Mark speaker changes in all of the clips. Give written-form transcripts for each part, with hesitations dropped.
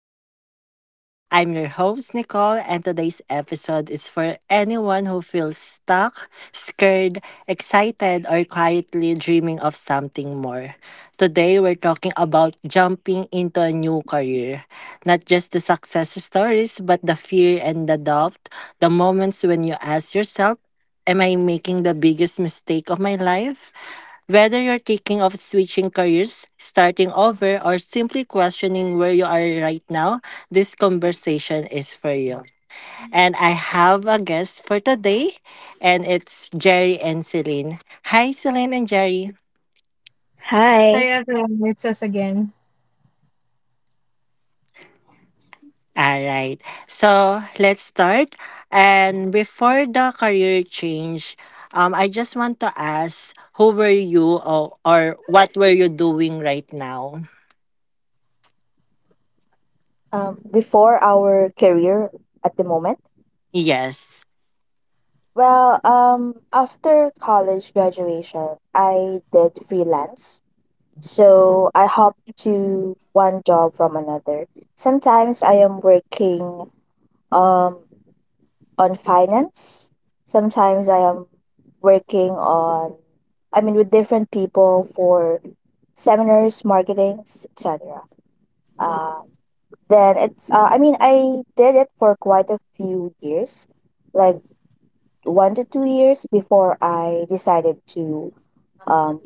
Speaker 1: podcast. I'm your host, Nicole, and today's episode is for anyone who feels stuck, scared, excited, or quietly dreaming of something more. Today, we're talking about jumping into a new career. Not just the success stories, but the fear and the doubt, the moments when you ask yourself, am I making the biggest mistake of my life? Whether you're thinking of switching careers, starting over, or simply questioning where you are right now, this conversation is for you. And I have a guest for today, and it's Jerry and Celine. Hi, Celine and Jerry.
Speaker 2: Hi
Speaker 3: Hi.
Speaker 2: everyone, it's us again.
Speaker 1: All right. So let's start. And before the career change, I just want to ask, who were you, or what were you doing right now?
Speaker 3: Before our career at the moment?
Speaker 1: Yes.
Speaker 3: Well, after college graduation, I did freelance, so I hop to one job from another. Sometimes I am working um, on finance. Sometimes I am working on, I mean, with different people for seminars, marketings, etc. Then I did it for quite a few years, like 1 to 2 years before I decided to um,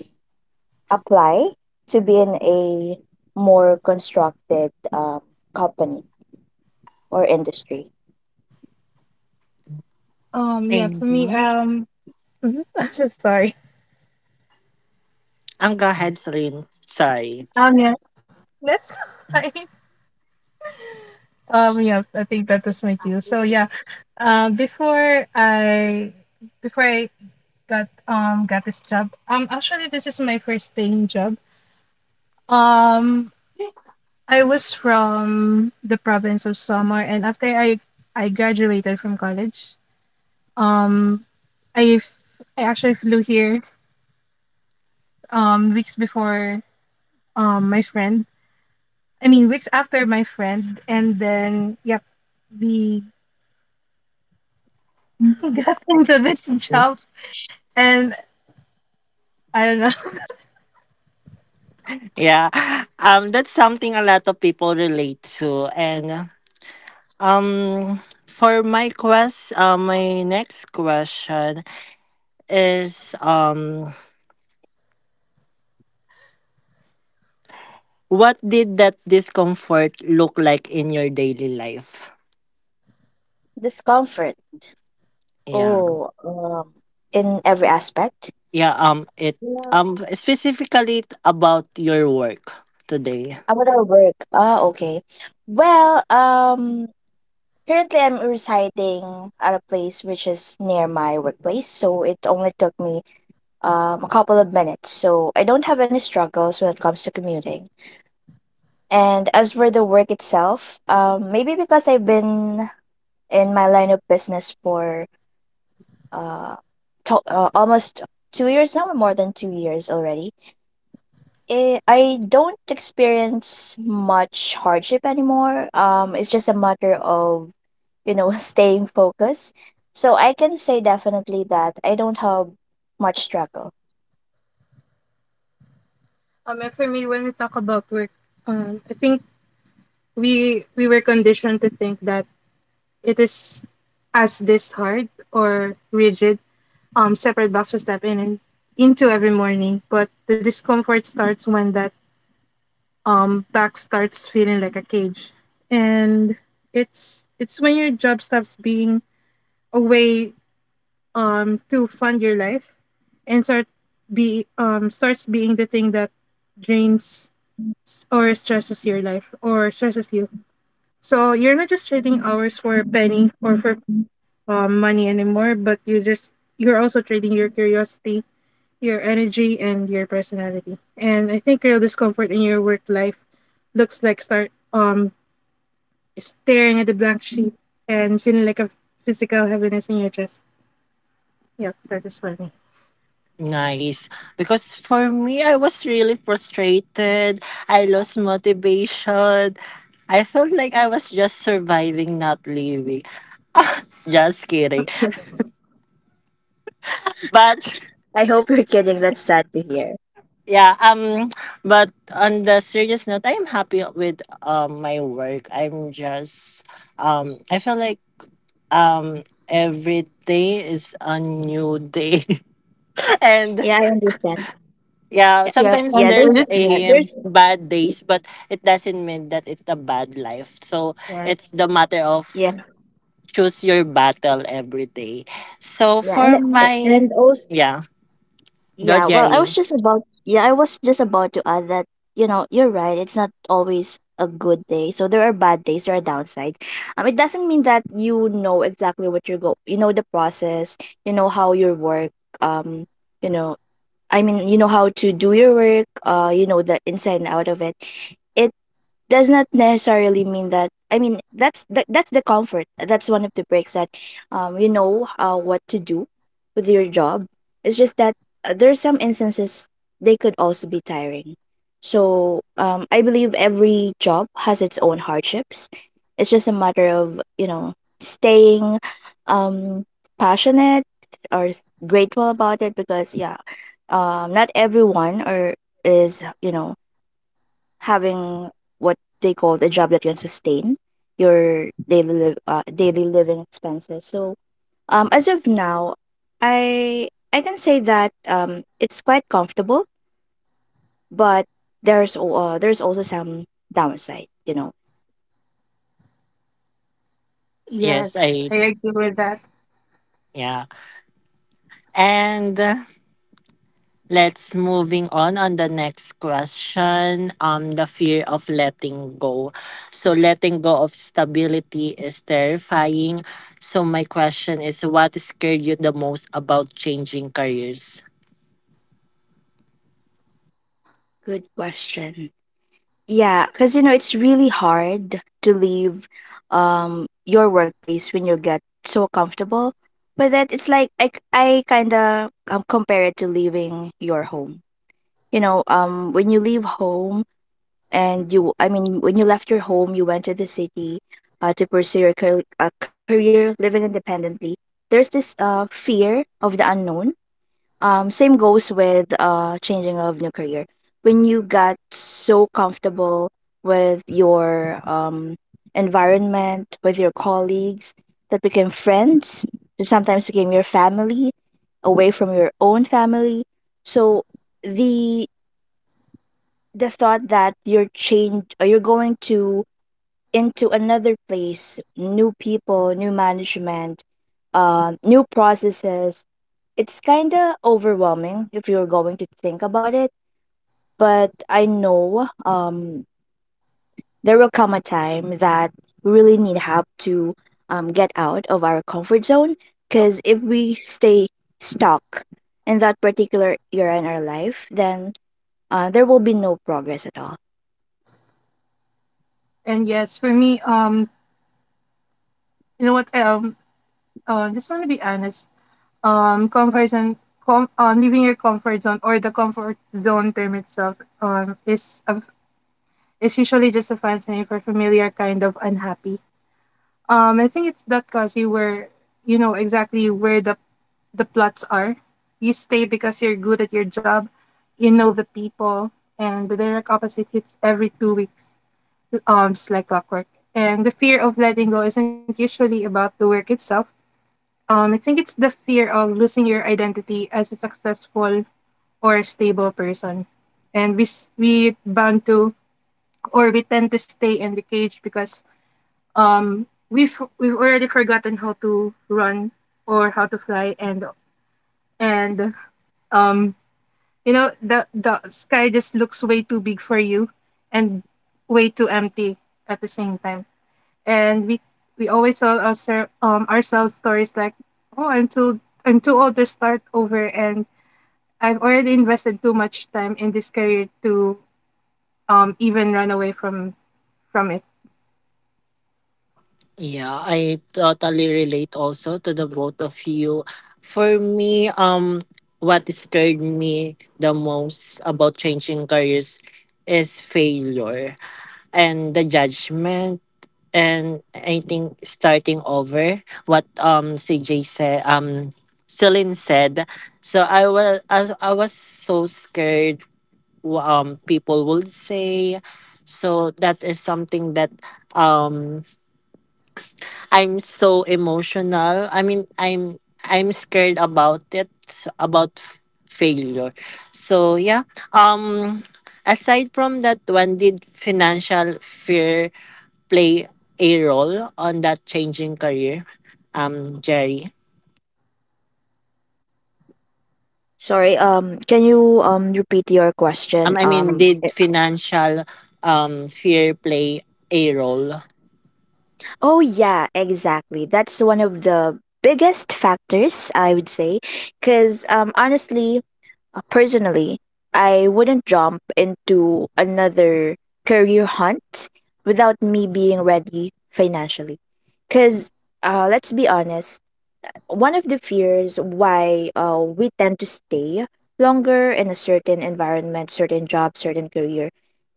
Speaker 3: apply to be in a more constructed company or industry.
Speaker 2: Yeah, for
Speaker 1: Thank
Speaker 2: me,
Speaker 1: you.
Speaker 2: mhm, I'm so sorry.
Speaker 1: Go ahead, Celine. Sorry.
Speaker 2: Um, yeah, that's fine. Yeah, I think that was my cue. Um, before I, before I got this job, actually this is my first paying job. Um, I was from the province of Samar, and after I graduated from college, um, I f- I actually flew here weeks before my friend I mean, weeks after my friend, and then yep, we got into this job, and I don't know.
Speaker 1: Yeah. That's something a lot of people relate to. And um for my next question is what did that discomfort look like in your daily life?
Speaker 3: Discomfort.
Speaker 1: Yeah.
Speaker 3: Oh, in every aspect.
Speaker 1: Yeah, it specifically about your work today.
Speaker 3: About our work. Ah, okay. Well, currently I'm residing at a place which is near my workplace, so it only took me a couple of minutes. So I don't have any struggles when it comes to commuting. And as for the work itself, maybe because I've been in my line of business for uh, almost 2 years now, more than 2 years already. I don't experience much hardship anymore. It's just a matter of, staying focused. So I can say definitely that I don't have much struggle.
Speaker 2: And for me, when we talk about work, I think we were conditioned to think that it is as this hard or rigid. Separate box to step in and into every morning, but the discomfort starts when that back starts feeling like a cage, and it's when your job stops being a way to fund your life and starts being the thing that drains or stresses your life or stresses you. So you're not just trading hours for a penny or for money anymore, but you're also trading your curiosity, your energy, and your personality. And I think real discomfort in your work life looks like start staring at the blank sheet and feeling like a physical heaviness in your chest. Yep, that is for me.
Speaker 1: Nice. Because for me, I was really frustrated. I lost motivation. I felt like I was just surviving, not living. Just kidding. But
Speaker 3: I hope you're kidding. That's sad to hear.
Speaker 1: yeah, but on the serious note, I'm happy with my work. I feel like every day is a new day. And
Speaker 3: Yeah, I understand.
Speaker 1: yeah,
Speaker 3: Yeah,
Speaker 2: Yep,
Speaker 1: sometimes
Speaker 3: yeah
Speaker 2: and
Speaker 3: there's,
Speaker 2: we're
Speaker 1: there's
Speaker 2: just
Speaker 3: yeah,
Speaker 1: a
Speaker 3: there's,
Speaker 1: bad days, but it doesn't mean that it's a bad life. So it's
Speaker 2: Yes,
Speaker 1: the matter of
Speaker 3: yeah,
Speaker 1: choose your battle every day. So
Speaker 3: yeah,
Speaker 1: for my
Speaker 3: and also
Speaker 1: yeah, go
Speaker 3: Yeah, well, I was
Speaker 1: Jerry.
Speaker 3: just about yeah, I was just about to add that, you know, you're right. It's not always a good day. So there are bad days, there are downsides. It doesn't mean that you know the process, you know how your work, um, you know, you know how to do your work, you know the inside and out of it. It does not necessarily mean that that's the comfort, that's one of the breaks that you know what to do with your job. It's just that there are some instances they could also be tiring. So I believe every job has its own hardships. It's just a matter of, you know, staying um, passionate or grateful about it, because yeah, not everyone or is, you know, having what they call a job that can sustain your daily liv daily living expenses. So as of now, I can say that it's quite comfortable, but there's also some downside. You know.
Speaker 1: Yes,
Speaker 2: yes,
Speaker 1: I
Speaker 2: I agree with that.
Speaker 1: yeah, and let's moving on the next question. The fear of letting go. So letting go of stability is terrifying. So my question is, what scared you the most about changing careers?
Speaker 3: Good question. Yeah, because you know it's really hard to leave your workplace when you get so comfortable. But that it's like I kind of compare it to leaving your home, you know, when you leave home and you I mean when you left your home, you went to the city to pursue your career, living independently. There's this fear of the unknown. Same goes with changing of new career when you got so comfortable with your environment, with your colleagues that became friends, that sometimes became your family away from your own family. So the the thought that you're chained or you're going to into another place, new people, new management, new processes, it's kind of overwhelming if you're going to think about it. But I know there will come a time that we really need help to get out of our comfort zone, because if we stay stuck in that particular era in our life, then there will be no progress at all.
Speaker 2: And yes, for me, you know what? Just want to be honest. Comfort zone, leaving your comfort zone or the comfort zone term itself, is a, is usually just a fancy name for familiar kind of unhappy. I think it's that cause you were, you know, exactly where the plots are. You stay because you're good at your job, you know the people, and the direct opposite hits every 2 weeks, just like clockwork. And the fear of letting go isn't usually about the work itself. I think it's the fear of losing your identity as a successful or stable person. And we bound to, or we tend to stay in the cage because we've already forgotten how to run or how to fly. And um, the, sky just looks way too big for you and way too empty at the same time, and we always tell ourselves stories like, "Oh, I'm too old to start over, and I've already invested too much time in this career to even run away from it."
Speaker 1: Yeah, I totally relate also to the both of you. For me, what scared me the most about changing careers is failure and the judgment, and I think starting over, what CJ said, Celine said. So I was so scared, people would say, so that is something that um I'm so emotional. I mean, I'm scared about it about f- failure. So yeah, um aside from that, when did financial fear play a role on that changing career, Jerry?
Speaker 3: Sorry, can you repeat your question?
Speaker 1: I mean, did financial fear play a role?
Speaker 3: Oh, yeah, exactly. That's one of the biggest factors, I would say. Because honestly, personally, I wouldn't jump into another career hunt without me being ready financially. Because let's be honest, one of the fears why we tend to stay longer in a certain environment, certain job, certain career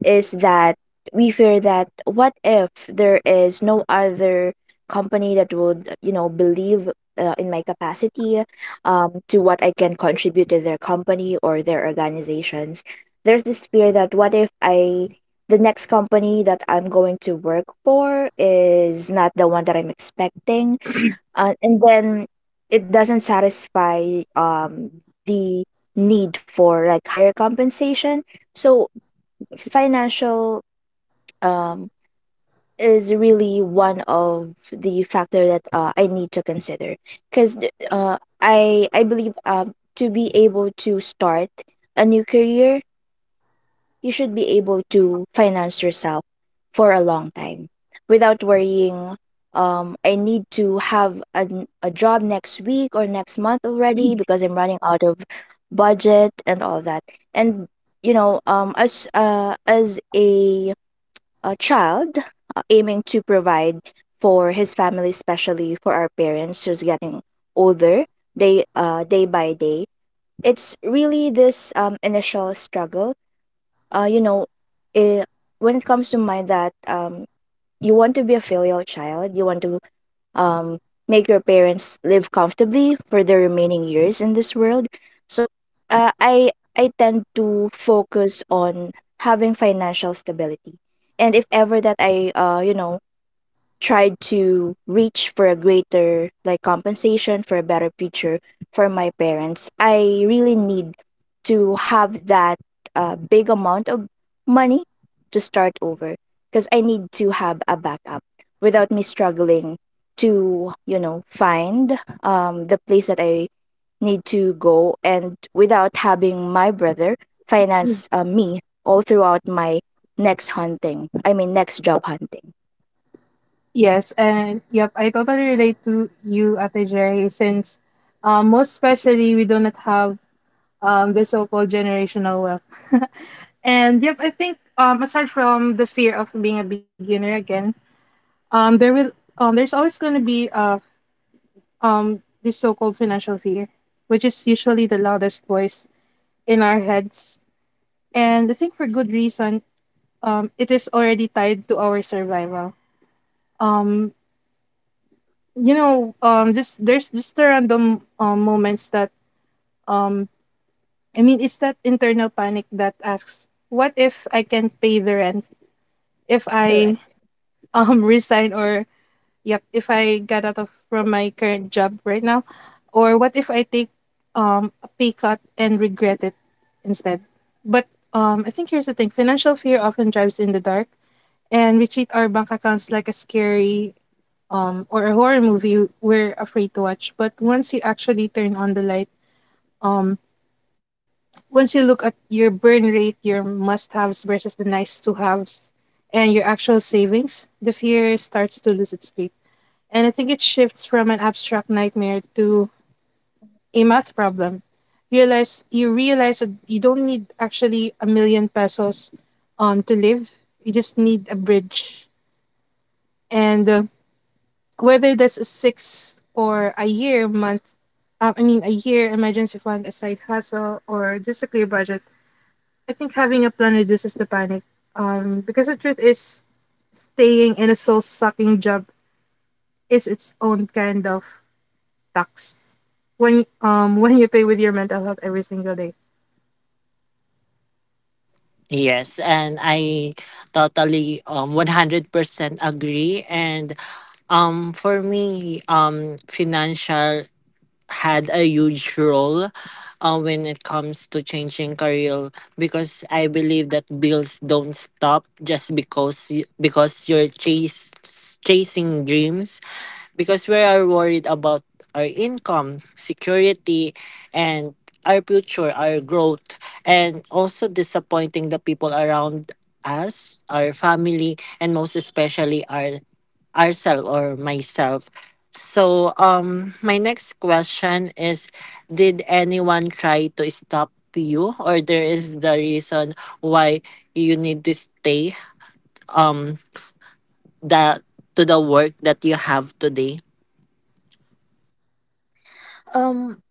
Speaker 3: is that we fear that what if there is no other company that would, you know, believe in my capacity to what I can contribute to their company or their organizations. There's this fear that what if I the next company that I'm going to work for is not the one that I'm expecting, and then it doesn't satisfy the need for like higher compensation. So financial um is really one of the factor that I need to consider, because I believe to be able to start a new career you should be able to finance yourself for a long time without worrying, I need to have an a job next week or next month already because I'm running out of budget and all that. And you know, as a child aiming to provide for his family, especially for our parents who's getting older day by day, it's really this initial struggle, uh, you know, eh, when it comes to mind that you want to be a filial child, you want to um, make your parents live comfortably for the remaining years in this world. So I tend to focus on having financial stability, and if ever that I tried to reach for a greater like compensation for a better future for my parents, I really need to have that big amount of money to start over, because I need to have a backup without me struggling to, you know, find the place that I need to go, and without having my brother finance me all throughout my next job hunting.
Speaker 2: Yes, and yep, I totally relate to you, Ate Jerry, since most especially we do not have the so-called generational wealth. And yep, I think aside from the fear of being a beginner again, um there will there's always going to be a this so-called financial fear, which is usually the loudest voice in our heads. And I think for good reason, it is already tied to our survival. Um, you know, just there's just the random moments that um, I mean, it's that internal panic that asks, "What if I can't pay the rent? If I
Speaker 3: Correct.
Speaker 2: resign or Yep. If I get out of from my current job right now, or what if I take a pay cut and regret it instead? But I think here's the thing: financial fear often drives in the dark, and we treat our bank accounts like a scary or a horror movie we're afraid to watch. But once you actually turn on the light, um, once you look at your burn rate, your must-haves versus the nice-to-haves, and your actual savings, the fear starts to lose its grip, and I think it shifts from an abstract nightmare to a math problem. Realize You realize that you don't need actually a million pesos to live. You just need a bridge. And whether that's a six or a year month, I mean a year emergency fund, a side hustle, or just a clear budget, I think having a plan reduces the panic. Because the truth is, staying in a soul sucking job is its own kind of tax when you pay with your mental health every single day.
Speaker 1: Yes, and I totally 100% agree. And for me, financial had a huge role when it comes to changing career, because I believe that bills don't stop just because because you're chasing dreams, because we are worried about our income, security, and our future, our growth, and also disappointing the people around us, our family, and most especially ourselves or myself. So, my next question is, did anyone try to stop you, or there is the reason why you need to stay, um, that to the work that you have today?
Speaker 3: Um,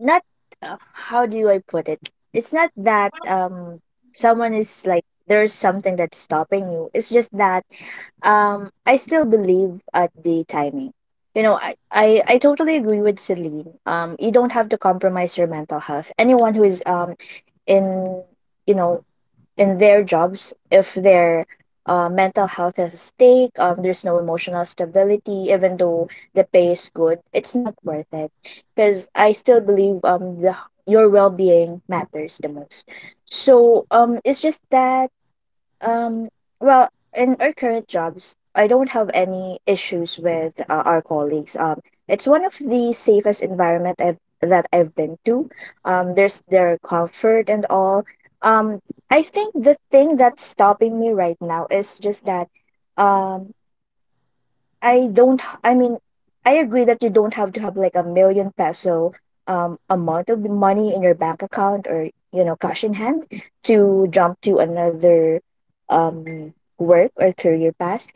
Speaker 3: not uh, how do I put it? It's not that someone is like there's something that's stopping you. It's just that I still believe at the timing. You know, I totally agree with Celine. You don't have to compromise your mental health. Anyone who is in you know in their jobs, if their mental health is at stake, there's no emotional stability, even though the pay is good, it's not worth it, because I still believe the, your well-being matters the most. So it's just that, um, well, in our current jobs, I don't have any issues with our colleagues. It's one of the safest environment that I've been to. There's their comfort and all. Um, I think the thing that's stopping me right now is just that, um, I don't h- I mean I agree that you don't have to have like a million peso amount of money in your bank account, or you know, cash in hand, to jump to another work or career path,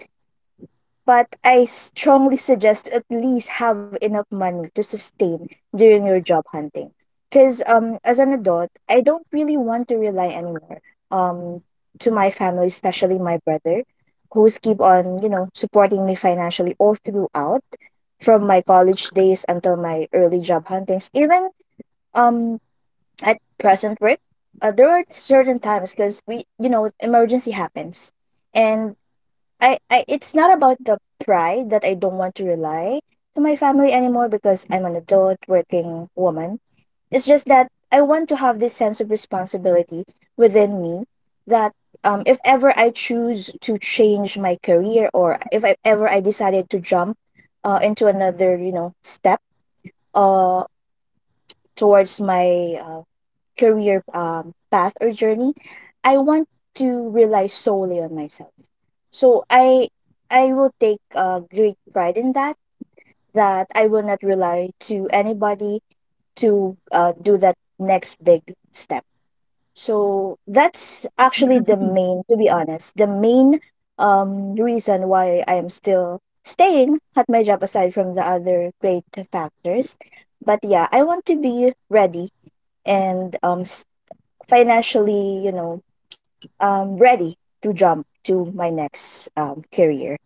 Speaker 3: but I strongly suggest to at least have enough money to sustain during your job hunting. Because as an adult, I don't really want to rely anymore um, to my family, especially my brother, who's keep on, you know, supporting me financially all throughout from my college days until my early job huntings. Even um, at present work, there are certain times because we, you know, emergency happens. And I it's not about the pride that I don't want to rely to my family anymore because I'm an adult working woman. It's just that I want to have this sense of responsibility within me that if ever I choose to change my career, or if ever I decided to jump into another, you know, step uh towards my career path or journey, I want to rely solely on myself. So I will take great pride in that, that I will not rely to anybody to do that next big step. So that's actually the main, to be honest, the main reason why I am still staying at my job, aside from the other great factors. But yeah, I want to be ready and financially, you know, ready to jump to my next career.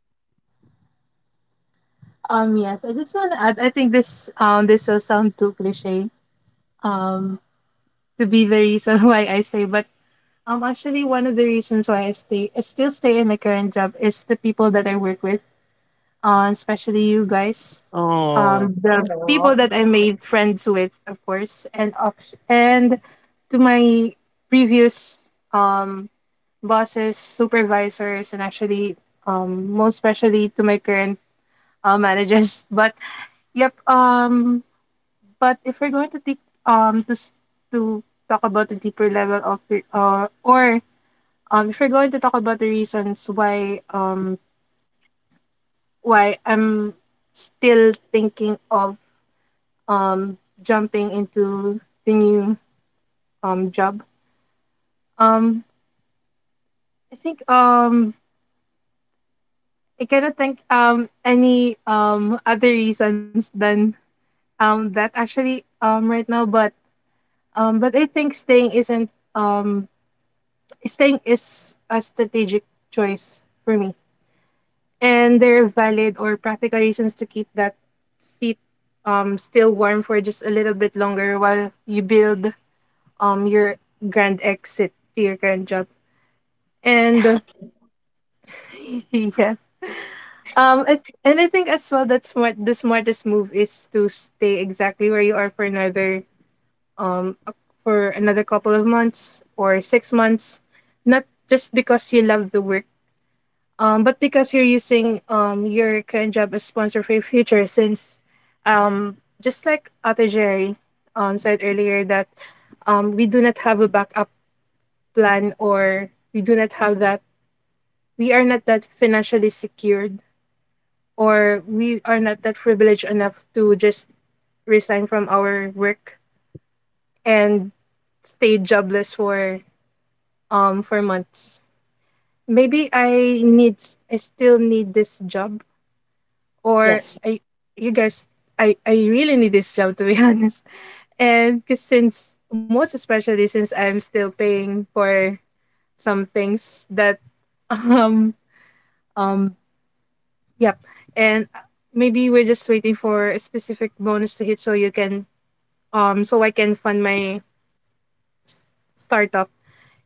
Speaker 2: Um, yes, I just want to add. I think this this will sound too cliche um to be the reason why I say, but actually one of the reasons why I still stay in my current job is the people that I work with, especially you guys,
Speaker 1: Oh,
Speaker 2: the people
Speaker 3: Oh,
Speaker 2: that I made friends with, of course, and to my previous bosses, supervisors, and actually, most especially to my current managers. But yep. But if we're going to to talk about the deeper level of the or if we're going to talk about the reasons why I'm still thinking of jumping into the new job, um I think I cannot think any other reasons than that actually right now, but I think staying isn't staying is a strategic choice for me, and there are valid or practical reasons to keep that seat still warm for just a little bit longer while you build your grand exit to your current job, and yeah, I th- and I think as well that smartest move is to stay exactly where you are for another for another couple of months or 6 months, not just because you love the work, but because you're using your current job as sponsor for your future. Since, just like Ate Jerry, said earlier that, we do not have a backup plan or we do not have that. We are not that financially secured or we are not that privileged enough to just resign from our work and stay jobless for months. Maybe I still need this job, or
Speaker 3: yes.
Speaker 2: I you guys, I really need this job to be honest, and cause since most especially since I'm still paying for some things that um um yep, and maybe we're just waiting for a specific bonus to hit so you can so I can fund my s- startup,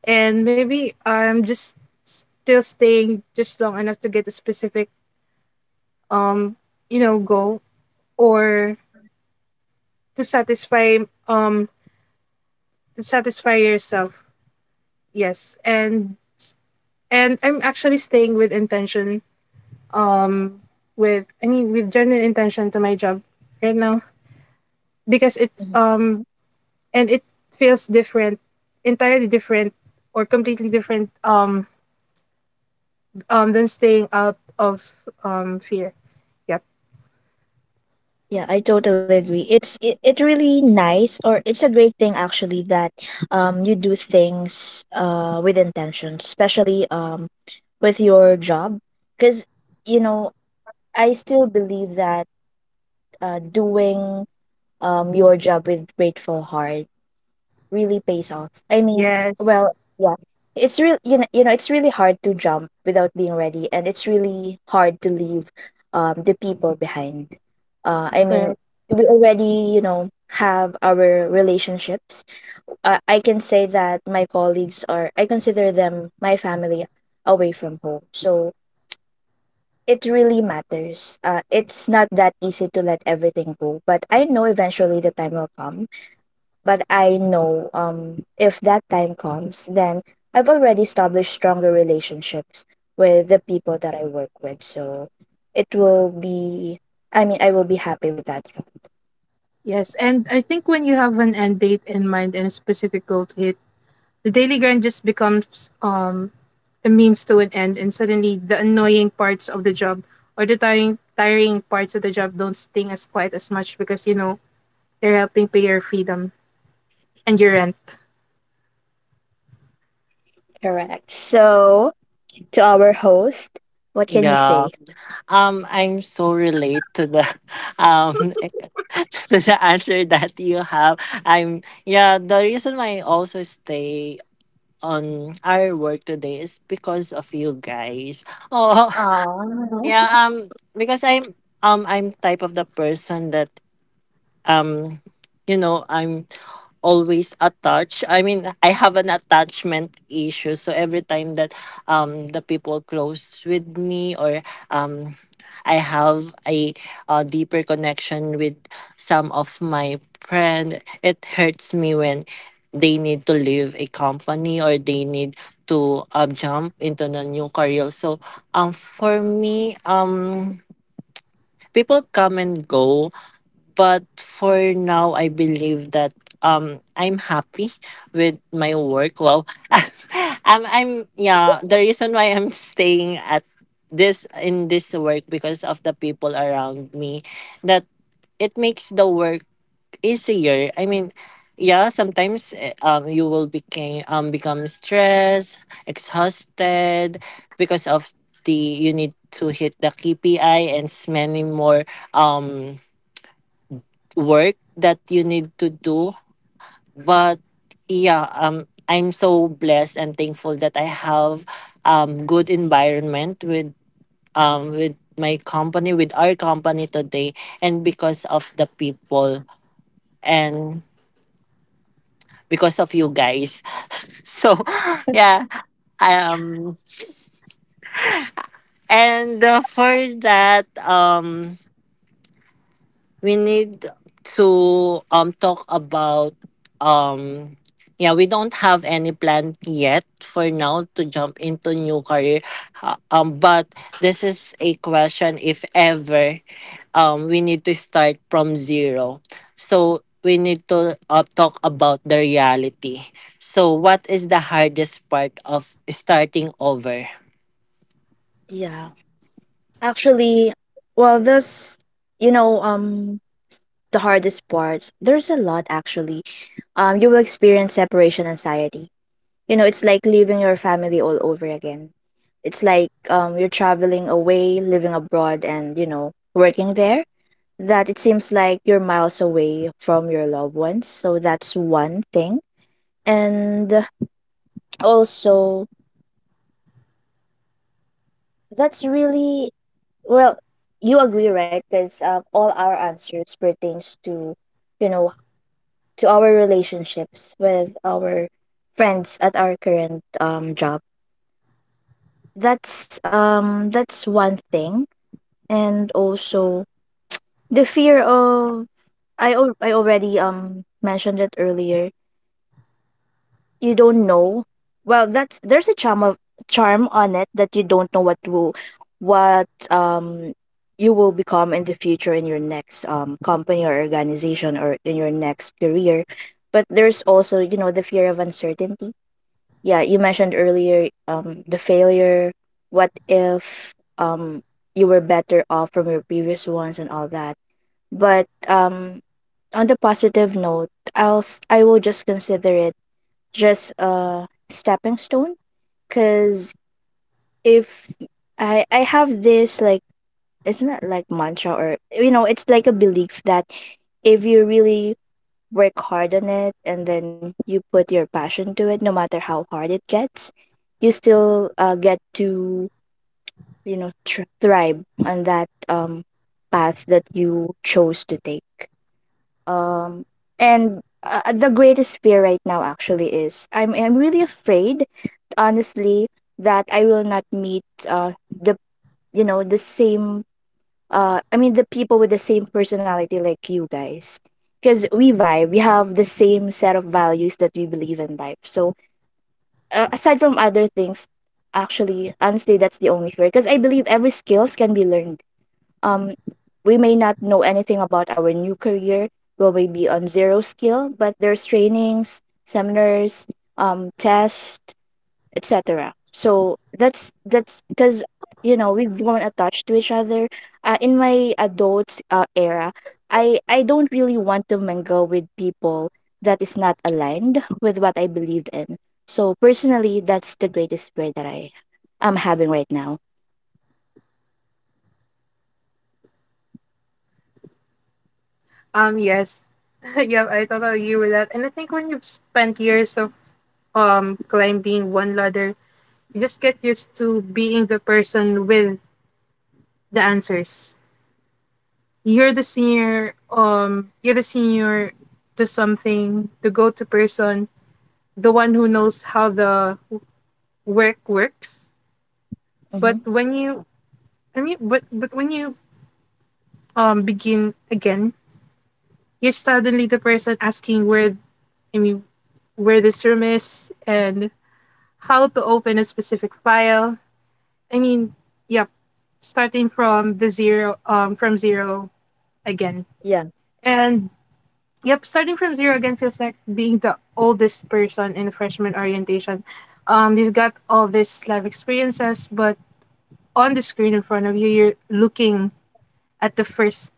Speaker 2: and maybe I'm just still staying just long enough to get a specific, um you know, goal or to satisfy um to satisfy yourself. Yes, and I'm actually staying with intention, um with I mean with genuine intention to my job right now, because it's
Speaker 3: Mhm.
Speaker 2: and it feels different, entirely different or completely different, than staying out of fear. Yep.
Speaker 3: Yeah, I totally agree. It really nice, or it's a great thing actually that you do things with intention, especially with your job, because you know, I still believe that doing your job with grateful heart really pays off. I mean,
Speaker 2: Yes,
Speaker 3: well, yeah. It's real, it's really hard to jump without being ready, and it's really hard to leave the people behind. I mean,
Speaker 2: correct.
Speaker 3: we already, you know, have our relationships. I can say that my colleagues are, I consider them my family away from home. So it really matters. It's not that easy to let everything go, but I know eventually the time will come. But I know if that time comes, then I've already established stronger relationships with the people that I work with. So it will be, I mean, I will be happy with that.
Speaker 2: Yes, and I think when you have an end date in mind and a specific goal to hit, the daily grind just becomes a means to an end, and suddenly the annoying parts of the job or the tiring parts of the job don't sting as quite as much because you know they're helping pay your freedom and your rent.
Speaker 3: Correct. So, to our host, what can you
Speaker 1: yeah.
Speaker 3: say?
Speaker 1: I'm so relate to the um to the answer that you have. I'm Yeah. The reason why I also stay on our work today is because of you guys. Oh,
Speaker 3: Oh.
Speaker 1: yeah. Because I'm type of the person that um, I'm always attached. I mean, I have an attachment issue. So every time that the people close with me, or um I have a deeper connection with some of my friend, it hurts me when they need to leave a company, or they need to jump into the new career. So for me, people come and go, but for now I believe that I'm happy with my work. Well, I'm yeah, the reason why I'm staying at this in this work, because of the people around me that it makes the work easier. I mean, yeah, sometimes you will become stressed, exhausted, because of the you need to hit the KPI, and many more um work that you need to do. But yeah, I'm so blessed and thankful that I have good environment with my company, with our company today, and because of the people and because of you guys. So yeah, um, and for that, we need to talk about, um yeah, we don't have any plan yet for now to jump into new career. But this is a question, if ever we need to start from zero, so we need to talk about the reality, so what is the hardest part of starting over?
Speaker 3: Yeah. Actually, well, there's, you know, um, s- the hardest parts. There's a lot actually. You will experience separation anxiety. It's like leaving your family all over again. It's like you're traveling away, living abroad, and, working there. That it seems like you're miles away from your loved ones. So that's one thing. And also, that's really, well, you agree, right? Because all our answers pertains to, you know, to our relationships with our friends at our current job. That's one thing and also the fear of, I already mentioned it earlier. You don't know. Well, that's there's a charm of charm on it that you don't know what you will become in the future in your next company or organization or in your next career. But there's also, the fear of uncertainty, yeah, you mentioned earlier, the failure, what if you were better off from your previous ones and all that. But on the positive note, I will just consider it just a stepping stone. Because if I have this, like, it's not like mantra, or, you know, it's like a belief that if you really work hard on it and then you put your passion to it, no matter how hard it gets, you still get to, thrive on that path that you chose to take. Um and The greatest fear right now actually is, I'm really afraid, honestly, that I will not meet the you know the same, I mean, the people with the same personality like you guys, because we vibe, we have the same set of values that we believe in life. So aside from other things, actually, honestly, that's the only fear, because I believe every skills can be learned. um we may not know anything about our new career, will maybe on zero skill, but there's trainings, seminars, tests, etc. So that's because we've grown attached to each other. In my adult era, I don't really want to mingle with people that is not aligned with what I believed in. So personally, that's the greatest fear that I am having right now.
Speaker 2: Yes, yep. I totally agree with that. And I think when you've spent years of climbing one ladder, you just get used to being the person with the answers. You're the senior. You're the senior to something, the go-to person, the one who knows how the work works. But
Speaker 3: Mhm.
Speaker 2: when you, but when you begin again, you're suddenly the person asking where I mean where this room is and how to open a specific file. I mean, yep, starting from the zero from zero again.
Speaker 3: Yeah.
Speaker 2: And yep, starting from zero again feels like being the oldest person in freshman orientation. You've got all these life experiences, but on the screen in front of you, you're looking at the first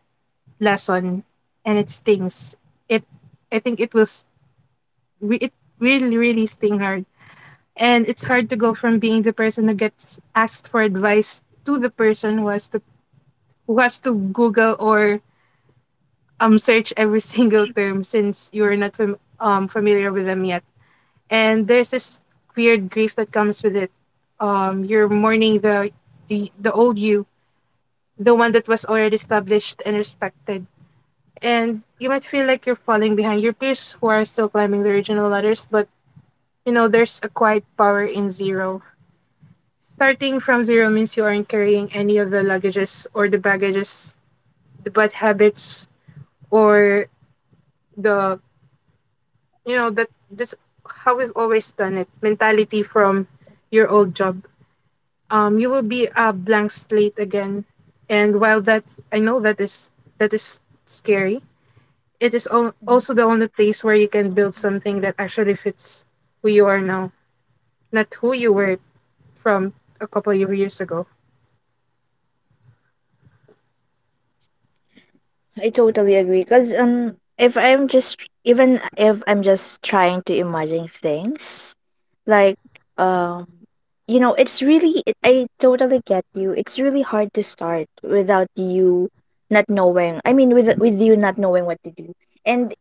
Speaker 2: lesson, and it stings. It, I think it will, it really, really sting hard. And it's hard to go from being the person who gets asked for advice to the person who has to Google or search every single term since you're not familiar with them yet. And there's this weird grief that comes with it. You're mourning the old you, the one that was already established and respected, and you might feel like you're falling behind your peers who are still climbing the original ladders, but you know, there's a quiet power in zero. Starting from zero means you aren't carrying any of the luggages or the baggages, the bad habits, or the, you know, that this how we've always done it mentality from your old job. You will be a blank slate again, and while that I know that is scary, it is al-
Speaker 3: Mhm.
Speaker 2: also the only place where you can build something that actually fits who you are now, not who you were from a couple of years ago.
Speaker 3: I totally agree. Cause if I'm just even if I'm just trying to imagine things, like, um it's really it, I totally get you. It's really hard to start without you not knowing, I mean, with you not knowing what to do, and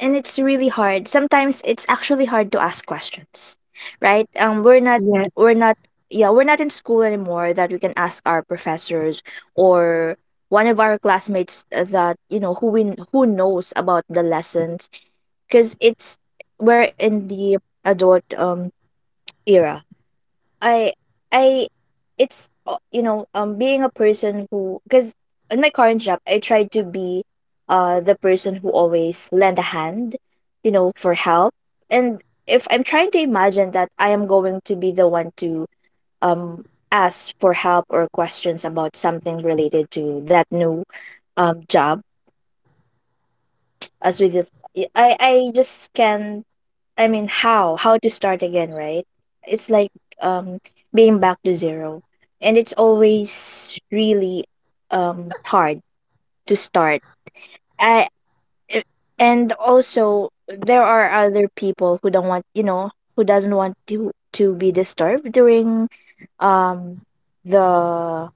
Speaker 3: and it's really hard. Sometimes it's actually hard to ask questions, right? We're not
Speaker 2: Yeah.
Speaker 3: we're not yeah, we're not in school anymore, that we can ask our professors or one of our classmates that, who knows about the lessons, because it's we're in the adult era. I I it's you know being a person who, because in my current job, I try to be the person who always lend a hand, for help. And if I'm trying to imagine that I am going to be the one to um ask for help or questions about something related to that new job, as with the, I just can I mean, how to start again, right? It's like, um being back to zero, and it's always really hard to start. I uh, and also, there are other people who don't want you know who doesn't want to be disturbed during um the,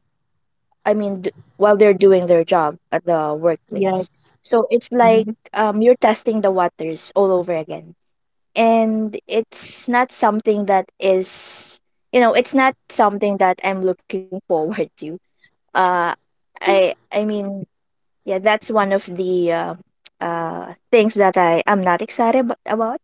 Speaker 3: I mean, while they're doing their job at the workplace. So it's like, you're testing the waters all over again, and it's not something that is you know it's not something that I'm looking forward to. uh I mean, yeah, that's one of the things that I am not excited about,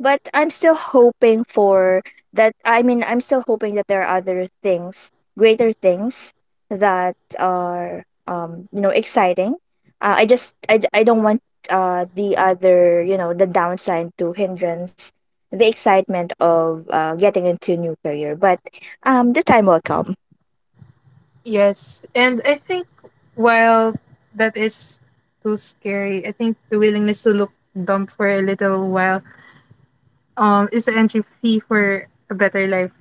Speaker 3: but I'm still hoping for that, I mean, I'm still hoping that there are other things, greater things that are exciting. I just, I don't want, the other you know the downside to hindrance the excitement of getting into new career. But the time will come.
Speaker 2: Yes, and I think while that is too scary, I think the willingness to look dumb for a little while is the entry fee for a better life.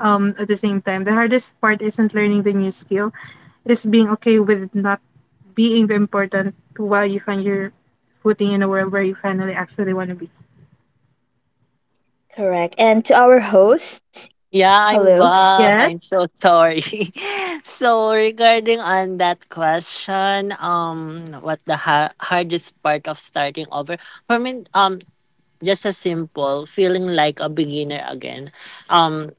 Speaker 2: At the same time, the hardest part isn't learning the new skill. It is being okay with not being the important while you find your footing in a world where you finally actually want to be.
Speaker 3: Correct. And to our hosts,
Speaker 4: Yeah, I'm
Speaker 3: hello.
Speaker 4: back. I'm so sorry. So regarding on that question, what the hardest part of starting over for me? Just a simple feeling like a beginner again. Um,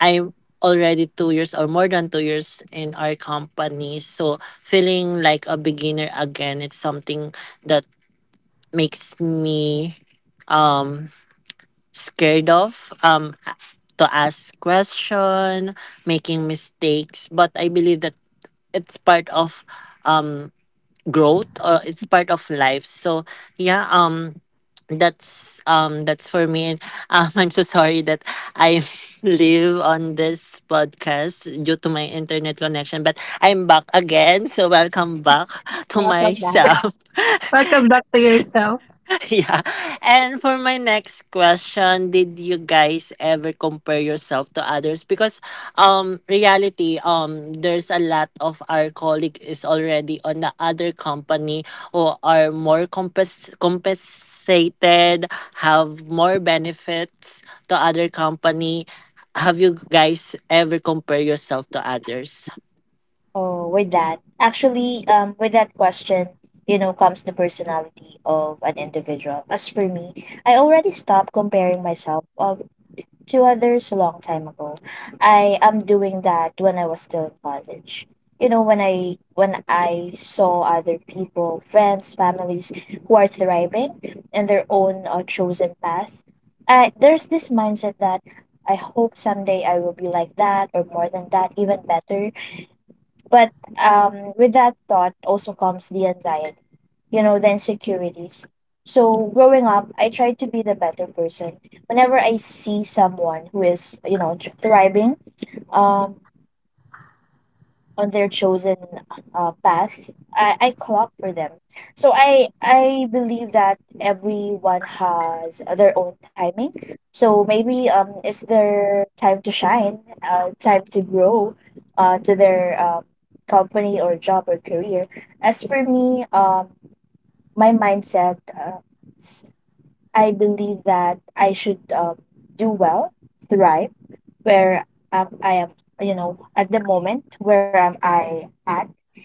Speaker 4: I'm already 2 years or more than 2 years in our company, so feeling like a beginner again. It's something that makes me um scared of to ask question, making mistakes, but I believe that it's part of um growth or it's part of life. So yeah, that's, that's for me. And I'm so sorry that I live on this podcast due to my internet connection, but I'm back again, so welcome back to
Speaker 3: Welcome back.
Speaker 4: myself.
Speaker 2: Welcome back to yourself.
Speaker 4: Yeah. And for my next question, did you guys ever compare yourself to others? Because reality, there's a lot of our colleague is already on the other company who are more compensated, have more benefits to other company. Have you guys ever compare yourself to others?
Speaker 3: Oh, with that. Actually, with that question, comes the personality of an individual. As for me, I already stopped comparing myself to others a long time ago. I am doing that when I was still in college. When I saw other people, friends, families who are thriving in their own chosen path, there's this mindset that I hope someday I will be like that or more than that, even better. But with that thought also comes the anxiety, the insecurities. So growing up, I tried to be the better person. Whenever I see someone who is, thriving, um, on their chosen path, I clap for them. So I believe that everyone has their own timing. So maybe it's their time to shine, time to grow, to their company or job or career. As for me, my mindset, s- I believe that I should do well, thrive, where I am, at the moment where am I at.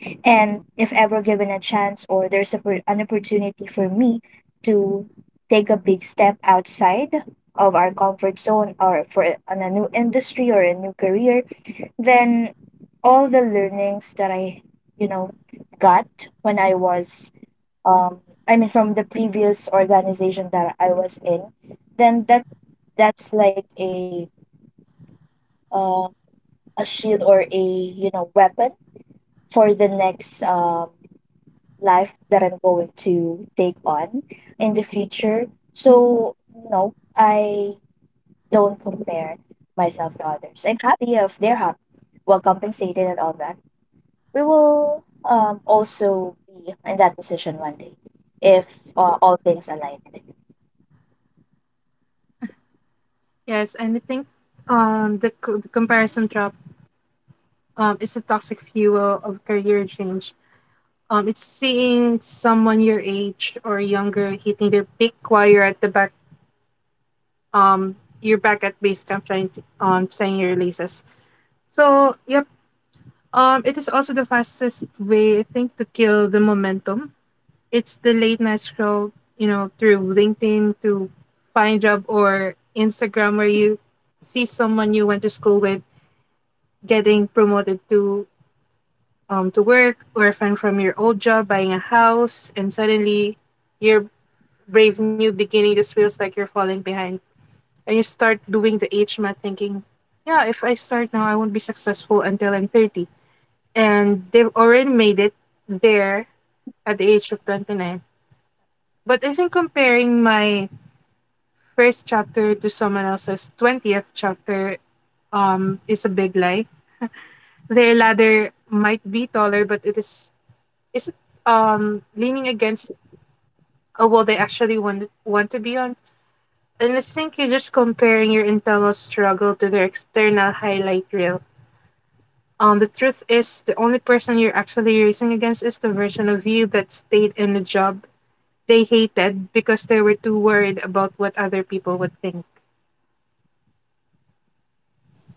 Speaker 3: And if ever given a chance or there's an opportunity for me to take a big step outside of our comfort zone, or on a new industry or a new career, then all the learnings that I, you know, got when I was, um, I mean, from the previous organization that I was in, then that's like uh, a shield, or, a weapon for the next life that I'm going to take on in the future. So, no, I don't compare myself to others. I'm happy if they're happy, well compensated, and all that. We will also be in that position one day if, all things align.
Speaker 2: Yes, and I think the, the comparison trap is a toxic fuel of career change. It's seeing someone your age or younger hitting their peak while um you're back at base camp trying to tying your laces. So, yep. It is also the fastest way, I think, to kill the momentum. It's the late night scroll, you know, through LinkedIn to find job, or Instagram, where you see someone you went to school with getting promoted to work, or a friend from your old job buying a house, and suddenly your brave new beginning just feels like you're falling behind. And you start doing the age math thinking, yeah, if I start now I won't be successful until I'm 30, and they've already made it there at the age of 29. But I think comparing my first chapter to someone else's 20th chapter is a big lie. Their ladder might be taller, but it is it leaning against a wall they actually want to be on. And I think you're just comparing your internal struggle to their external highlight reel. The truth is, the only person you're actually racing against is the version of you that stayed in the job they hated because they were too worried about what other people would think.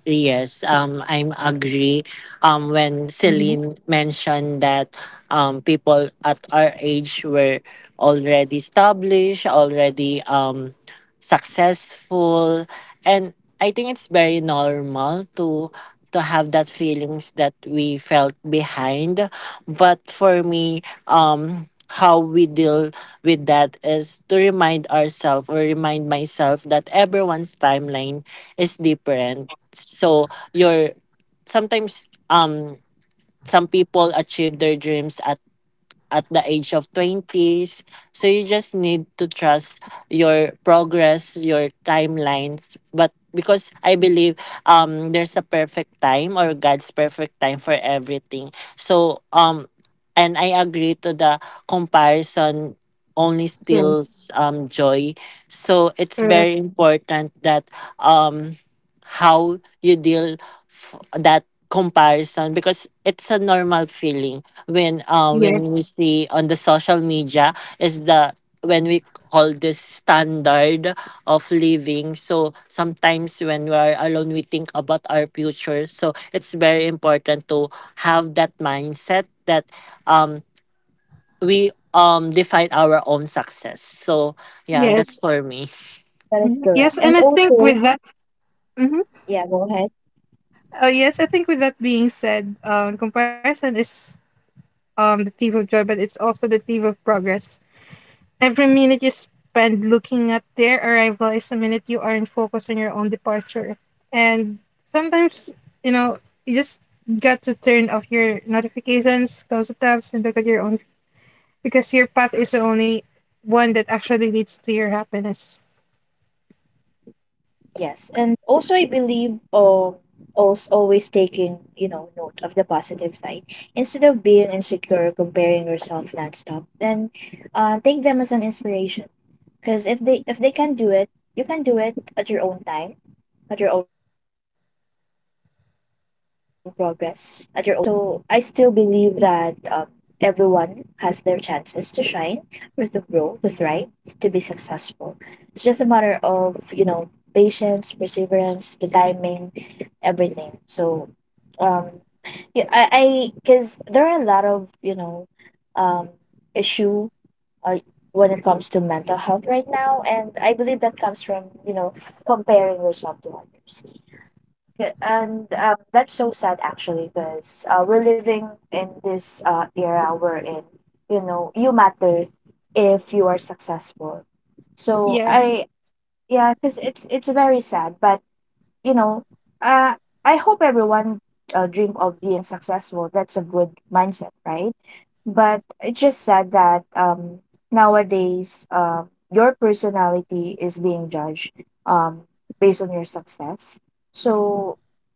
Speaker 4: Yes, I'm agree. When
Speaker 2: Mm-hmm.
Speaker 4: Celine mentioned that people at our age were already established, already successful, and I think it's very normal to have that feelings that we felt behind. But for me, how we deal with that is to remind ourselves or remind myself that everyone's timeline is different. So you're sometimes, some people achieve their dreams at the age of 20s. So you just need to trust your progress, your timelines. But because I believe there's a perfect time or God's perfect time for everything. So and I agree to the comparison only
Speaker 2: Yes.
Speaker 4: steals joy. So it's
Speaker 2: Correct.
Speaker 4: very important that um how you deal that comparison, because it's a normal feeling when
Speaker 2: Yes.
Speaker 4: we see on the social media is the when we call this standard of living. So sometimes when we are alone, we think about our future, so it's very important to have that mindset that um we define our own success. So yeah, that's
Speaker 2: Yes.
Speaker 4: for me.
Speaker 3: That is
Speaker 2: Mhm.
Speaker 3: correct.
Speaker 2: Yes,
Speaker 3: And
Speaker 2: and I think
Speaker 3: also,
Speaker 2: with that, mm-hmm,
Speaker 3: yeah, go ahead.
Speaker 2: yes, I think with that being said, comparison is the thief of joy, but it's also the thief of progress. Every minute you spend looking at their arrival is a minute you aren't focused on your own departure, and sometimes, you know, you just got to turn off your notifications, close the tabs, and look at your own, because your path is the only one that actually leads to your happiness.
Speaker 3: Yes, and also I believe, also always taking, note of the positive side instead of being insecure, comparing yourself nonstop, then take them as an inspiration. Because if they, if they can do it, you can do it at your own time, at your own progress, at your own chosen career path. So I still believe that everyone has their chances to shine, or to grow, to thrive, to be successful. It's just a matter of, patience, perseverance, the timing, everything. So um, yeah, I because there are a lot of, um, issue, uh, when it comes to mental health right now, and I believe that comes from, comparing yourself to others, and that's so sad actually. Because we're living in this era wherein, you matter if you are successful. So, I
Speaker 2: Yes.
Speaker 3: yeah, because it's very sad. But, you know, uh, I hope everyone dream of being successful. That's a good mindset, right? But it's just sad that, nowadays, your personality is being judged, um, based on your success. So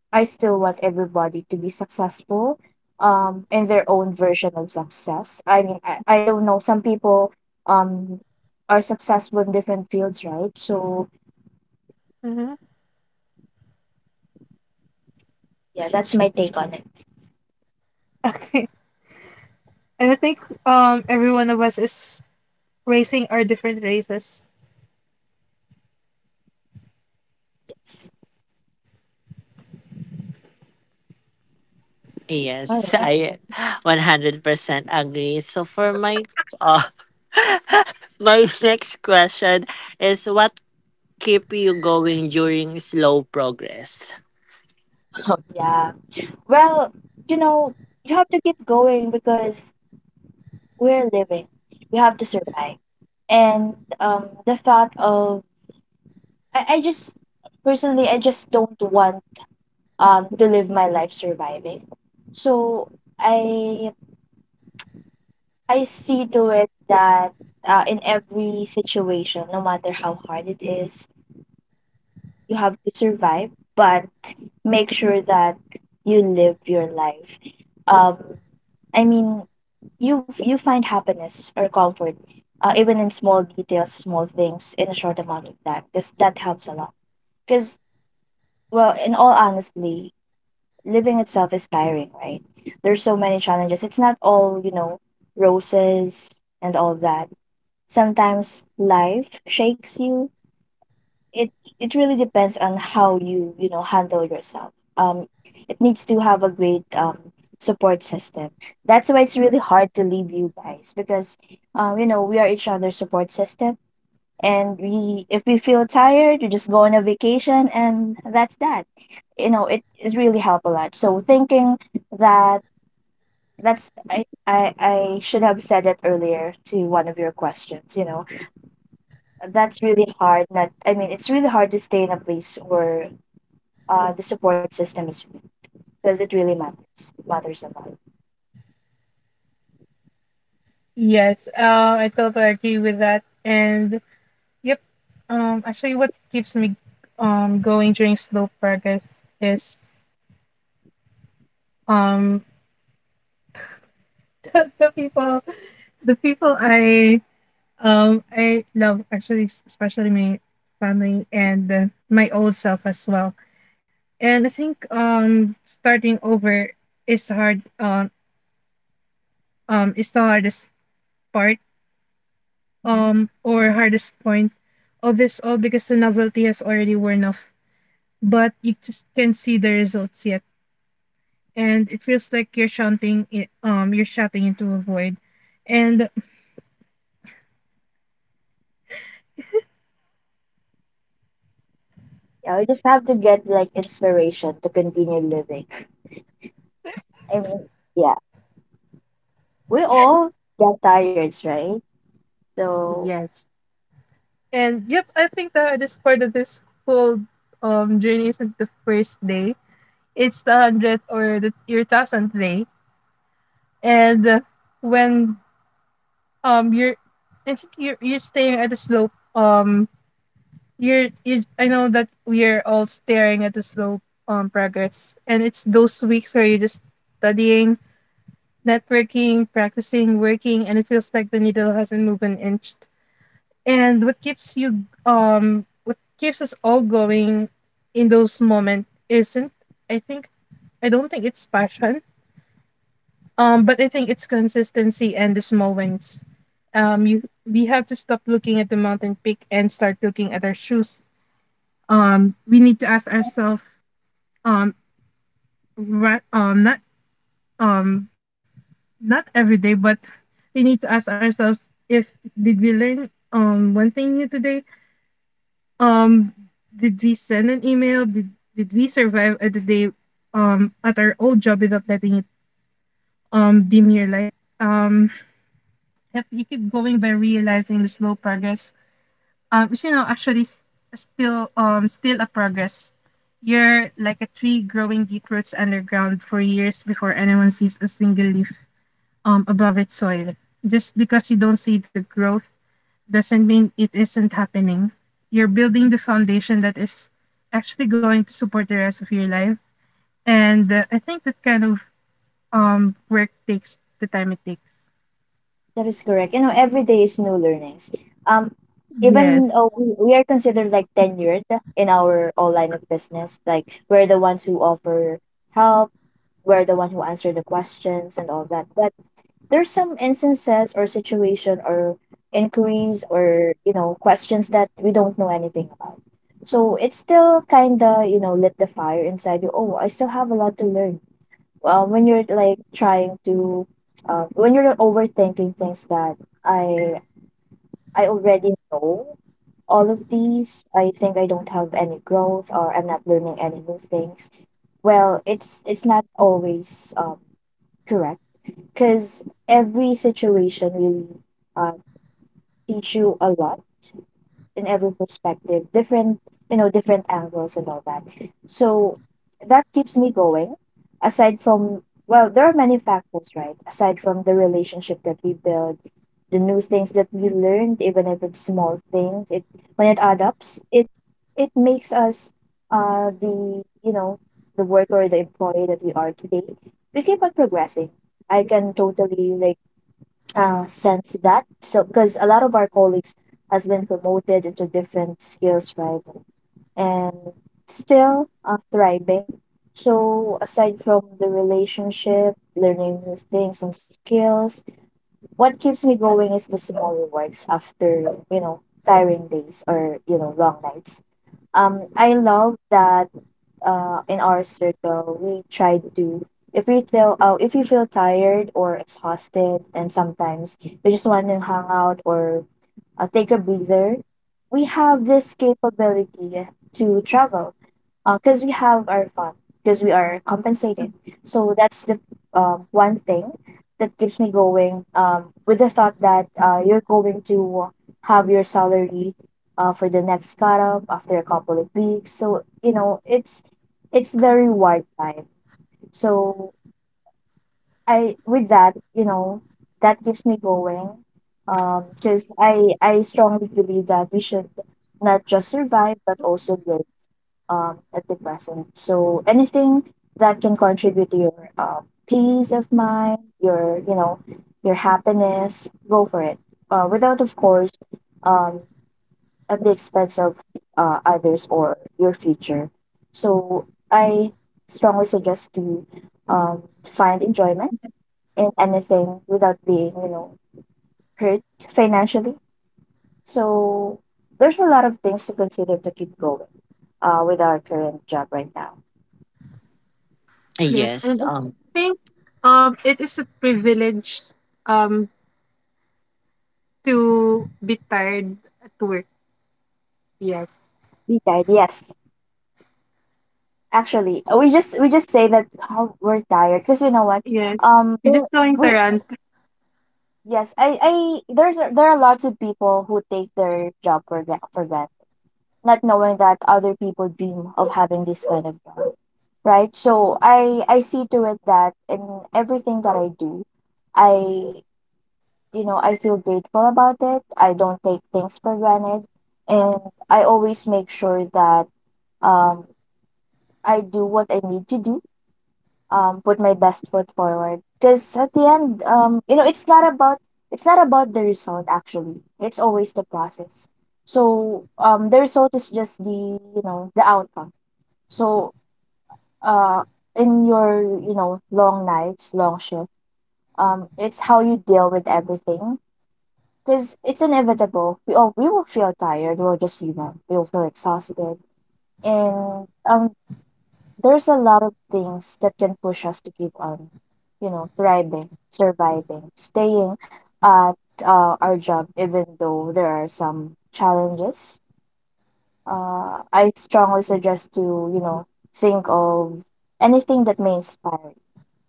Speaker 3: I still want everybody to be successful, in their own version of success. I mean, I don't know. Some people, um, are successful in different fields, right? So,
Speaker 2: Mm-hmm.
Speaker 3: yeah, that's my take on it.
Speaker 2: Okay. And I think every one of us is racing our different races.
Speaker 4: Yes, I 100% agree. So for my uh, my next question is, what keep you going during slow progress.
Speaker 3: Oh. Yeah. Well, you know, you have to keep going because we're living. We have to survive. And the thought of, I, I just I just don't want to live my life surviving. So I I see to it that, in every situation, no matter how hard it is, you have to survive. But make sure that you live your life. Um, I mean, you find happiness or comfort, even in small details, small things, in a short amount of time. Because that helps a lot. Because, well, in all honestly, living itself is tiring, right? There's so many challenges. It's not all, roses and all that. Sometimes life shakes you. It it really depends on how you, you know handle yourself. It needs to have a great support system. That's why it's really hard to leave you guys, because, we are each other's support system, and we if we feel tired, you just go on a vacation, and that's that, it really helped a lot. So thinking that, that's I should have said it earlier to one of your questions, that's really hard, not, I mean, it's really hard to stay in a place where, the support system is with, because it really matters. It matters a lot.
Speaker 2: Yes, I totally agree with that. And yep, actually, what keeps me going during slow progress is um the people, the people I love, actually, especially my family and my old self as well. And I think starting over is hard, is the hardest part
Speaker 3: Mhm.
Speaker 2: or hardest point of this all, because the novelty has already worn off, but you just can't see the results yet. And it feels like you're shouting into a void. And
Speaker 3: Yeah, we just have to get like inspiration to continue living. I mean, yeah, we all get tired, right? So
Speaker 2: yes, and yep, I think the hardest part of this whole journey isn't the first day. It's the 100th or the your thousandth day. And when you're I think you're staying at the slope. You're you I know that we're all staring at the slope progress. And it's those weeks where you're just studying, networking, practicing, working, and it feels like the needle hasn't moved an inch. And what keeps you what keeps us all going in those moments isn't, I think I don't think it's passion. But I think it's consistency and the small wins. You We have to stop looking at the mountain peak and start looking at our shoes. We need to ask ourselves, um, ra- um, not um, not every day, but we need to ask ourselves if did we learn one thing new today? Um, did we send an email? Did we survive at the day at our old job without letting it dim your light? Um, if you keep going by realizing the slow progress, it's, you know, actually still still a progress. You're like a tree growing deep roots underground for years before anyone sees a single leaf above its soil. Just because you don't see the growth doesn't mean it isn't happening. You're building the foundation that is actually going to support the rest of your life. And I think that kind of work takes the time it takes.
Speaker 3: that is correct. You know, every day is new learnings. Um, Even
Speaker 2: Yes.
Speaker 3: we are considered like tenured in our online business. Like we're the ones who offer help, we're the one who answer the questions and all that, but there's some instances or situation or inquiries or questions that we don't know anything about. So it's still kind of lit the fire inside you. Oh, I still have a lot to learn. Well, when you're like trying to when you're overthinking things that I already know all of these. I think I don't have any growth or I'm not learning any new things. Well, it's not always correct, because every situation really uh, teach you a lot in every perspective, different, you know, different angles and all that. So that keeps me going. Aside from, well, there are many factors, right? Aside from the relationship that we build, the new things that we learned, even if it's small things, it when it adds up, it it makes us the you know the worker or the employee that we are today. We keep on progressing. I can totally like sense that. So because a lot of our colleagues has been promoted into different skills, right, and still thriving. So aside from the relationship, learning new things and skills, what keeps me going is the small rewards after, you know, tiring days or, you know, long nights. I love that in our circle, we try to if we feel if you feel tired or exhausted, and sometimes we just want to hang out or take a breather, we have this capability to travel because we have our fun, because we are compensated. So that's the one thing that keeps me going, with the thought that you're going to have your salary for the next cut up after a couple of weeks. So, you know, it's the reward time. So I with that, you know, that keeps me going. Because I strongly believe that we should not just survive but also live, at the present. So anything that can contribute to your peace of mind, your you know, your happiness, go for it. Without, of course, um, at the expense of others or your future. So I strongly suggest to find enjoyment in anything without being, you know, hurt financially. So there's a lot of things to consider to keep going with our current job right now.
Speaker 2: Yes,
Speaker 4: Yes.
Speaker 2: and I think it is a privilege um to be tired at work. Yes.
Speaker 3: We tired, yes. Actually, we just say that how we're tired, because you know what,
Speaker 2: Yes. You're
Speaker 3: there-
Speaker 2: just going to
Speaker 3: we
Speaker 2: rant.
Speaker 3: yes, I there are lots of people who take their job for for granted, not knowing that other people dream of having this kind of job, right? So I see to it that in everything that I do, I you know, I feel grateful about it. I don't take things for granted. And I always make sure that, um, I do what I need to do, put my best foot forward. Because at the end, you know, it's not about the result actually. It's always the process. So the result is just the you know the outcome. So uh, in your you know long nights, long shift, it's how you deal with everything. Because it's inevitable. We will feel tired. We're just human. We will feel exhausted, and there's a lot of things that can push us to keep on, you know, thriving, surviving, staying at our job, even though there are some challenges. I strongly suggest to you know think of anything that may inspire you,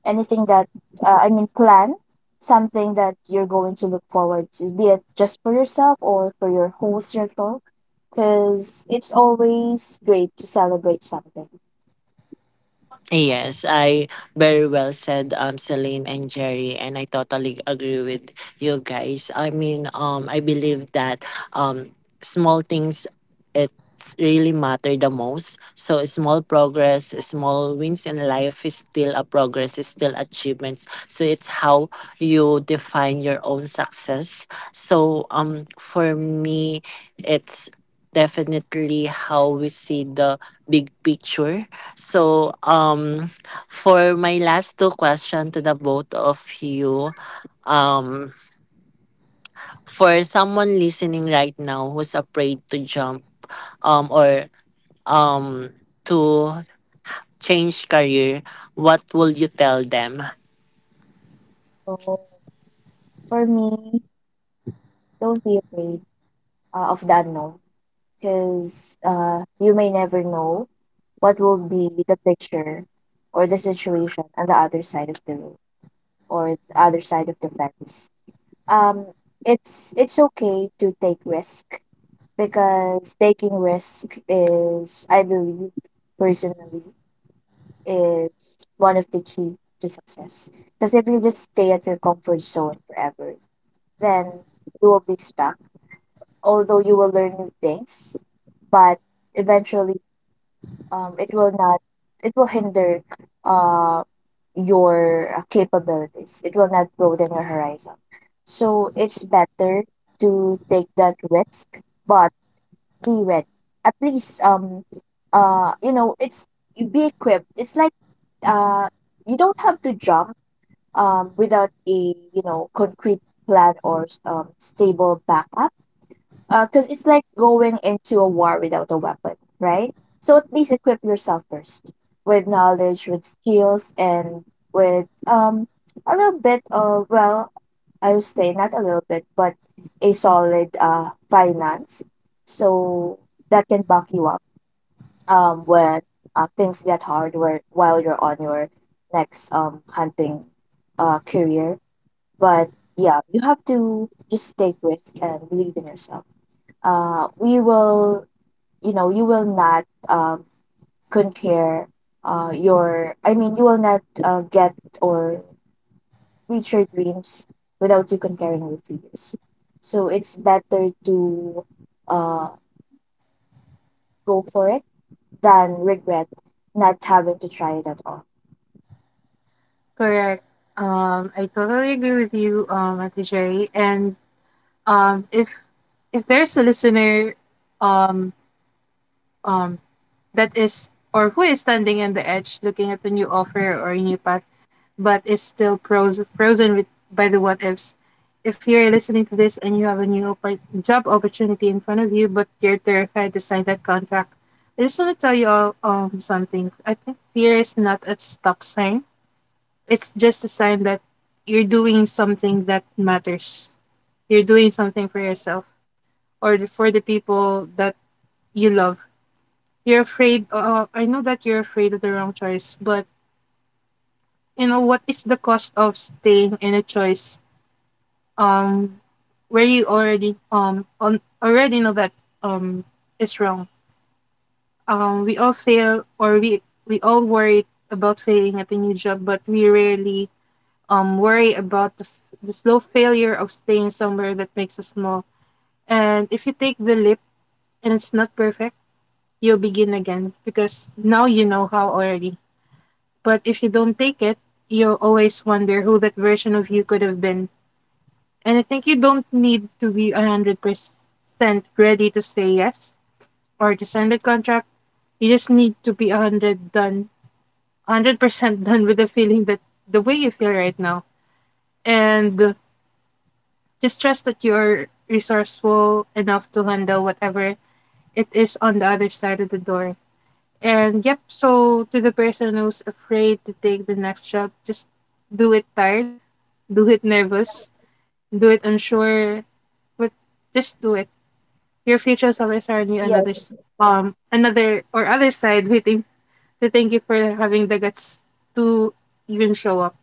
Speaker 3: anything that plan something that you're going to look forward to, be it just for yourself or for your whole circle, because it's always great to celebrate something.
Speaker 4: Yes, I very well said, Celine and Jerry, and I totally agree with you guys. I mean, I believe that um, small things it's really matter the most. So small progress, small wins in life is still a progress, is still achievements. So it's how you define your own success. So for me, it's definitely how we see the big picture. So, for my last two question to the both of you, um, for someone listening right now who's afraid to jump, or um, to change career, what will you tell them?
Speaker 3: So for me, don't be afraid of that unknown, because you may never know what will be the picture or the situation on the other side of the room or the other side of the fence. Um, it's okay to take risk because taking risk is, I believe, personally, is one of the key to success. Because if you just stay at your comfort zone forever, then you will be stuck. Although you will learn new things, but eventually, it will not. It will hinder, uh, your capabilities. It will not broaden your horizon. So it's better to take that risk, but be with. At least you know it's you be equipped. It's like uh you don't have to jump without a you know concrete plan or stable backup, because it's like going into a war without a weapon, right? So at least equip yourself first with knowledge, with skills, and with a little bit of well, I would say not a little bit, but a solid finance, so that can back you up when things get hard where while you're on your next hunting career. But yeah, you have to just take risk and believe in yourself. We will you know you will not conquer your I mean you will not get or reach your dreams without you conquering your fears. So it's better to uh, go for it than regret not having to try it at all.
Speaker 2: Correct. I totally agree with you, Ate Jerry. And if there's a listener um um that is or who is standing on the edge looking at the new offer or new path, but is still frozen with, by the what ifs. If you're listening to this and you have a new job opportunity in front of you, but you're terrified to sign that contract, I just want to tell you all something. I think fear is not a stop sign, it's just a sign that you're doing something that matters. You're doing something for yourself, or for the people that you love. You're afraid. I know that you're afraid of the wrong choice, but you know what is the cost of staying in a choice Um, where you already on already know that um it's wrong. We all fail, or we all worry about failing at a new job, but we rarely worry about the the slow failure of staying somewhere that makes us small. And if you take the leap and it's not perfect, you'll begin again, because now you know how already. But if you don't take it, you'll always wonder who that version of you could have been. And I think you don't need to be 100% ready to say yes or to sign the contract. You just need to be 100 done, 100% done with the feeling that the way you feel right now. And just trust that you're resourceful enough to handle whatever it is on the other side of the door. And yep, so to the person who's afraid to take the next job, just do it. Tired, do it nervous, do it unsure, but just do it. Your future self is already on others, another or other side, waiting to thank you for having the guts to even show up.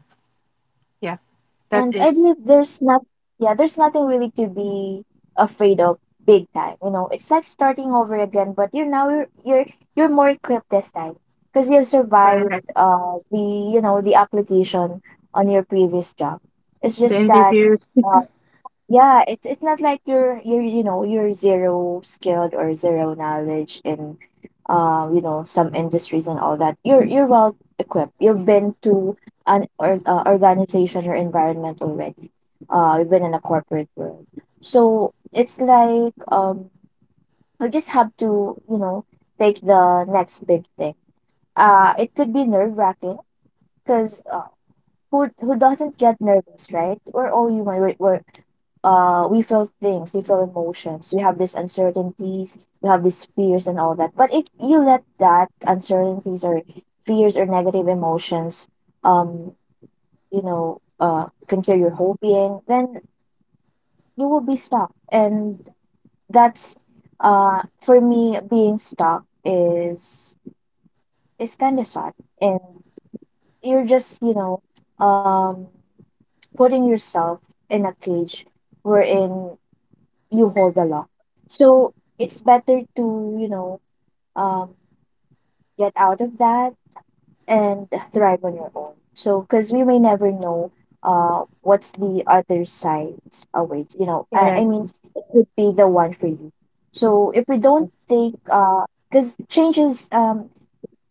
Speaker 2: Yeah,
Speaker 3: And I
Speaker 2: that
Speaker 3: believe
Speaker 2: is
Speaker 3: there's not, yeah, there's nothing really to be afraid of big time. You know, it's like starting over again, but you're now you're more equipped this time because you've survived
Speaker 2: correct,
Speaker 3: the you know the application on your previous job. It's
Speaker 2: the
Speaker 3: just that
Speaker 2: interviews.
Speaker 3: yeah, it's not like you're you know you're zero skilled or zero knowledge in you know some industries and all that. You're well equipped. You've been to an organization or environment already. You've been in a corporate world, so it's like you just have to you know take the next big thing. It could be nerve wracking, because who doesn't get nervous, right? We're all human. We're we feel things, we feel emotions, we have these uncertainties, we have these fears and all that. But if you let that uncertainties or fears or negative emotions, um, you know, conquer your whole being, then you will be stuck. And that's for me being stuck is kind of sad, and you're just you know um putting yourself in a cage wherein you hold the lock. So it's better to, you know, um, get out of that and thrive on your own. So, because we may never know what's the other side awaits. You know, I, I
Speaker 2: Correct.
Speaker 3: mean, it could be the one for you. So if we don't
Speaker 2: Yes.
Speaker 3: take, because changes,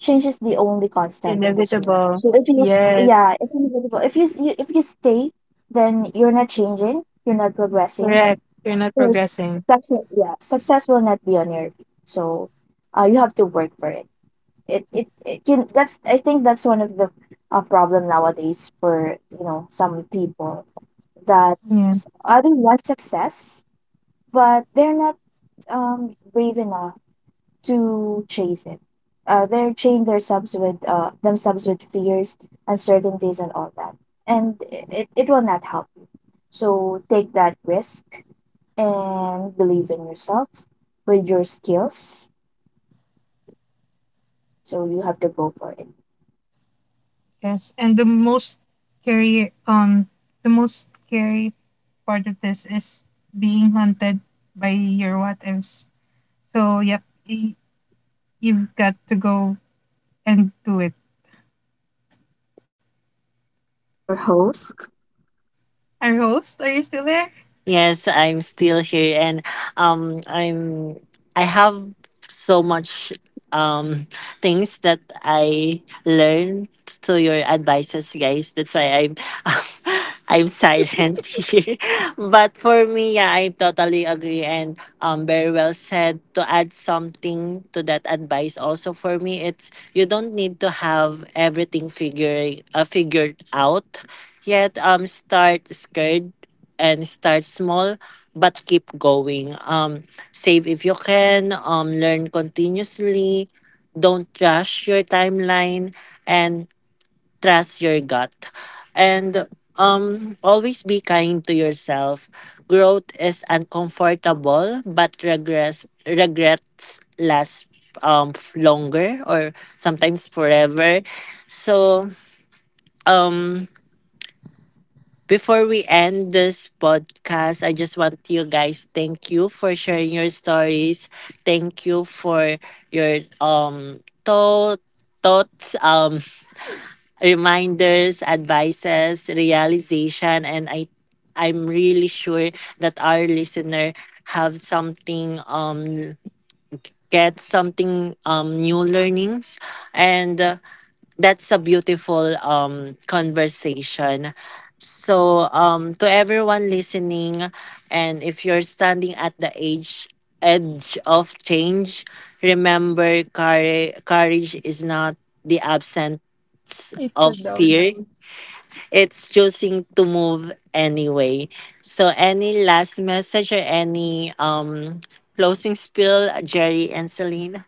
Speaker 3: change is the only constant in this world.
Speaker 2: Inevitable.
Speaker 3: So if you,
Speaker 2: Yes.
Speaker 3: yeah, if you stay, then you're not changing, you're not progressing.
Speaker 2: Correct. You're not
Speaker 3: So it's
Speaker 2: progressing.
Speaker 3: success, yeah, success will not be on your feet. So, you have to work for it. It can that's I think that's one of the problem nowadays for you know some people that
Speaker 2: Yeah.
Speaker 3: others want success, but they're not brave enough to chase it. They're chained themselves with fears, uncertainties, and all that, and it will not help you. So take that risk and believe in yourself with your skills. So you have to go for it.
Speaker 2: Yes. And the most scary, the most scary part of this is being haunted by your what ifs. So, yep, y- you've got to go and do it.
Speaker 3: Yes. So to our host,
Speaker 2: Our host, are you still there?
Speaker 4: Yes, I'm still here and I'm I have so much um things that I learned to your advices, guys. That's why I'm I'm silent here. But for me, yeah, I totally agree and very well said. To add something to that advice also, for me it's you don't need to have everything figuring figured out yet. Um, start scared and start small, but keep going. Save if you can, learn continuously, don't rush your timeline, and trust your gut. And always be kind to yourself. Growth is uncomfortable, but regrets last longer or sometimes forever. So, um, before we end this podcast, I just want you guys, thank you for sharing your stories. Thank you for your thoughts, reminders, advices, realization, and I'm really sure that our listener have something get something new learnings and that's a beautiful conversation. So to everyone listening, and if you're standing at the age edge of change, remember courage, courage is not the absence
Speaker 2: It's
Speaker 4: of
Speaker 2: a no.
Speaker 4: fear, it's choosing to move anyway. So any last message or any closing spill, Jerry and Celine?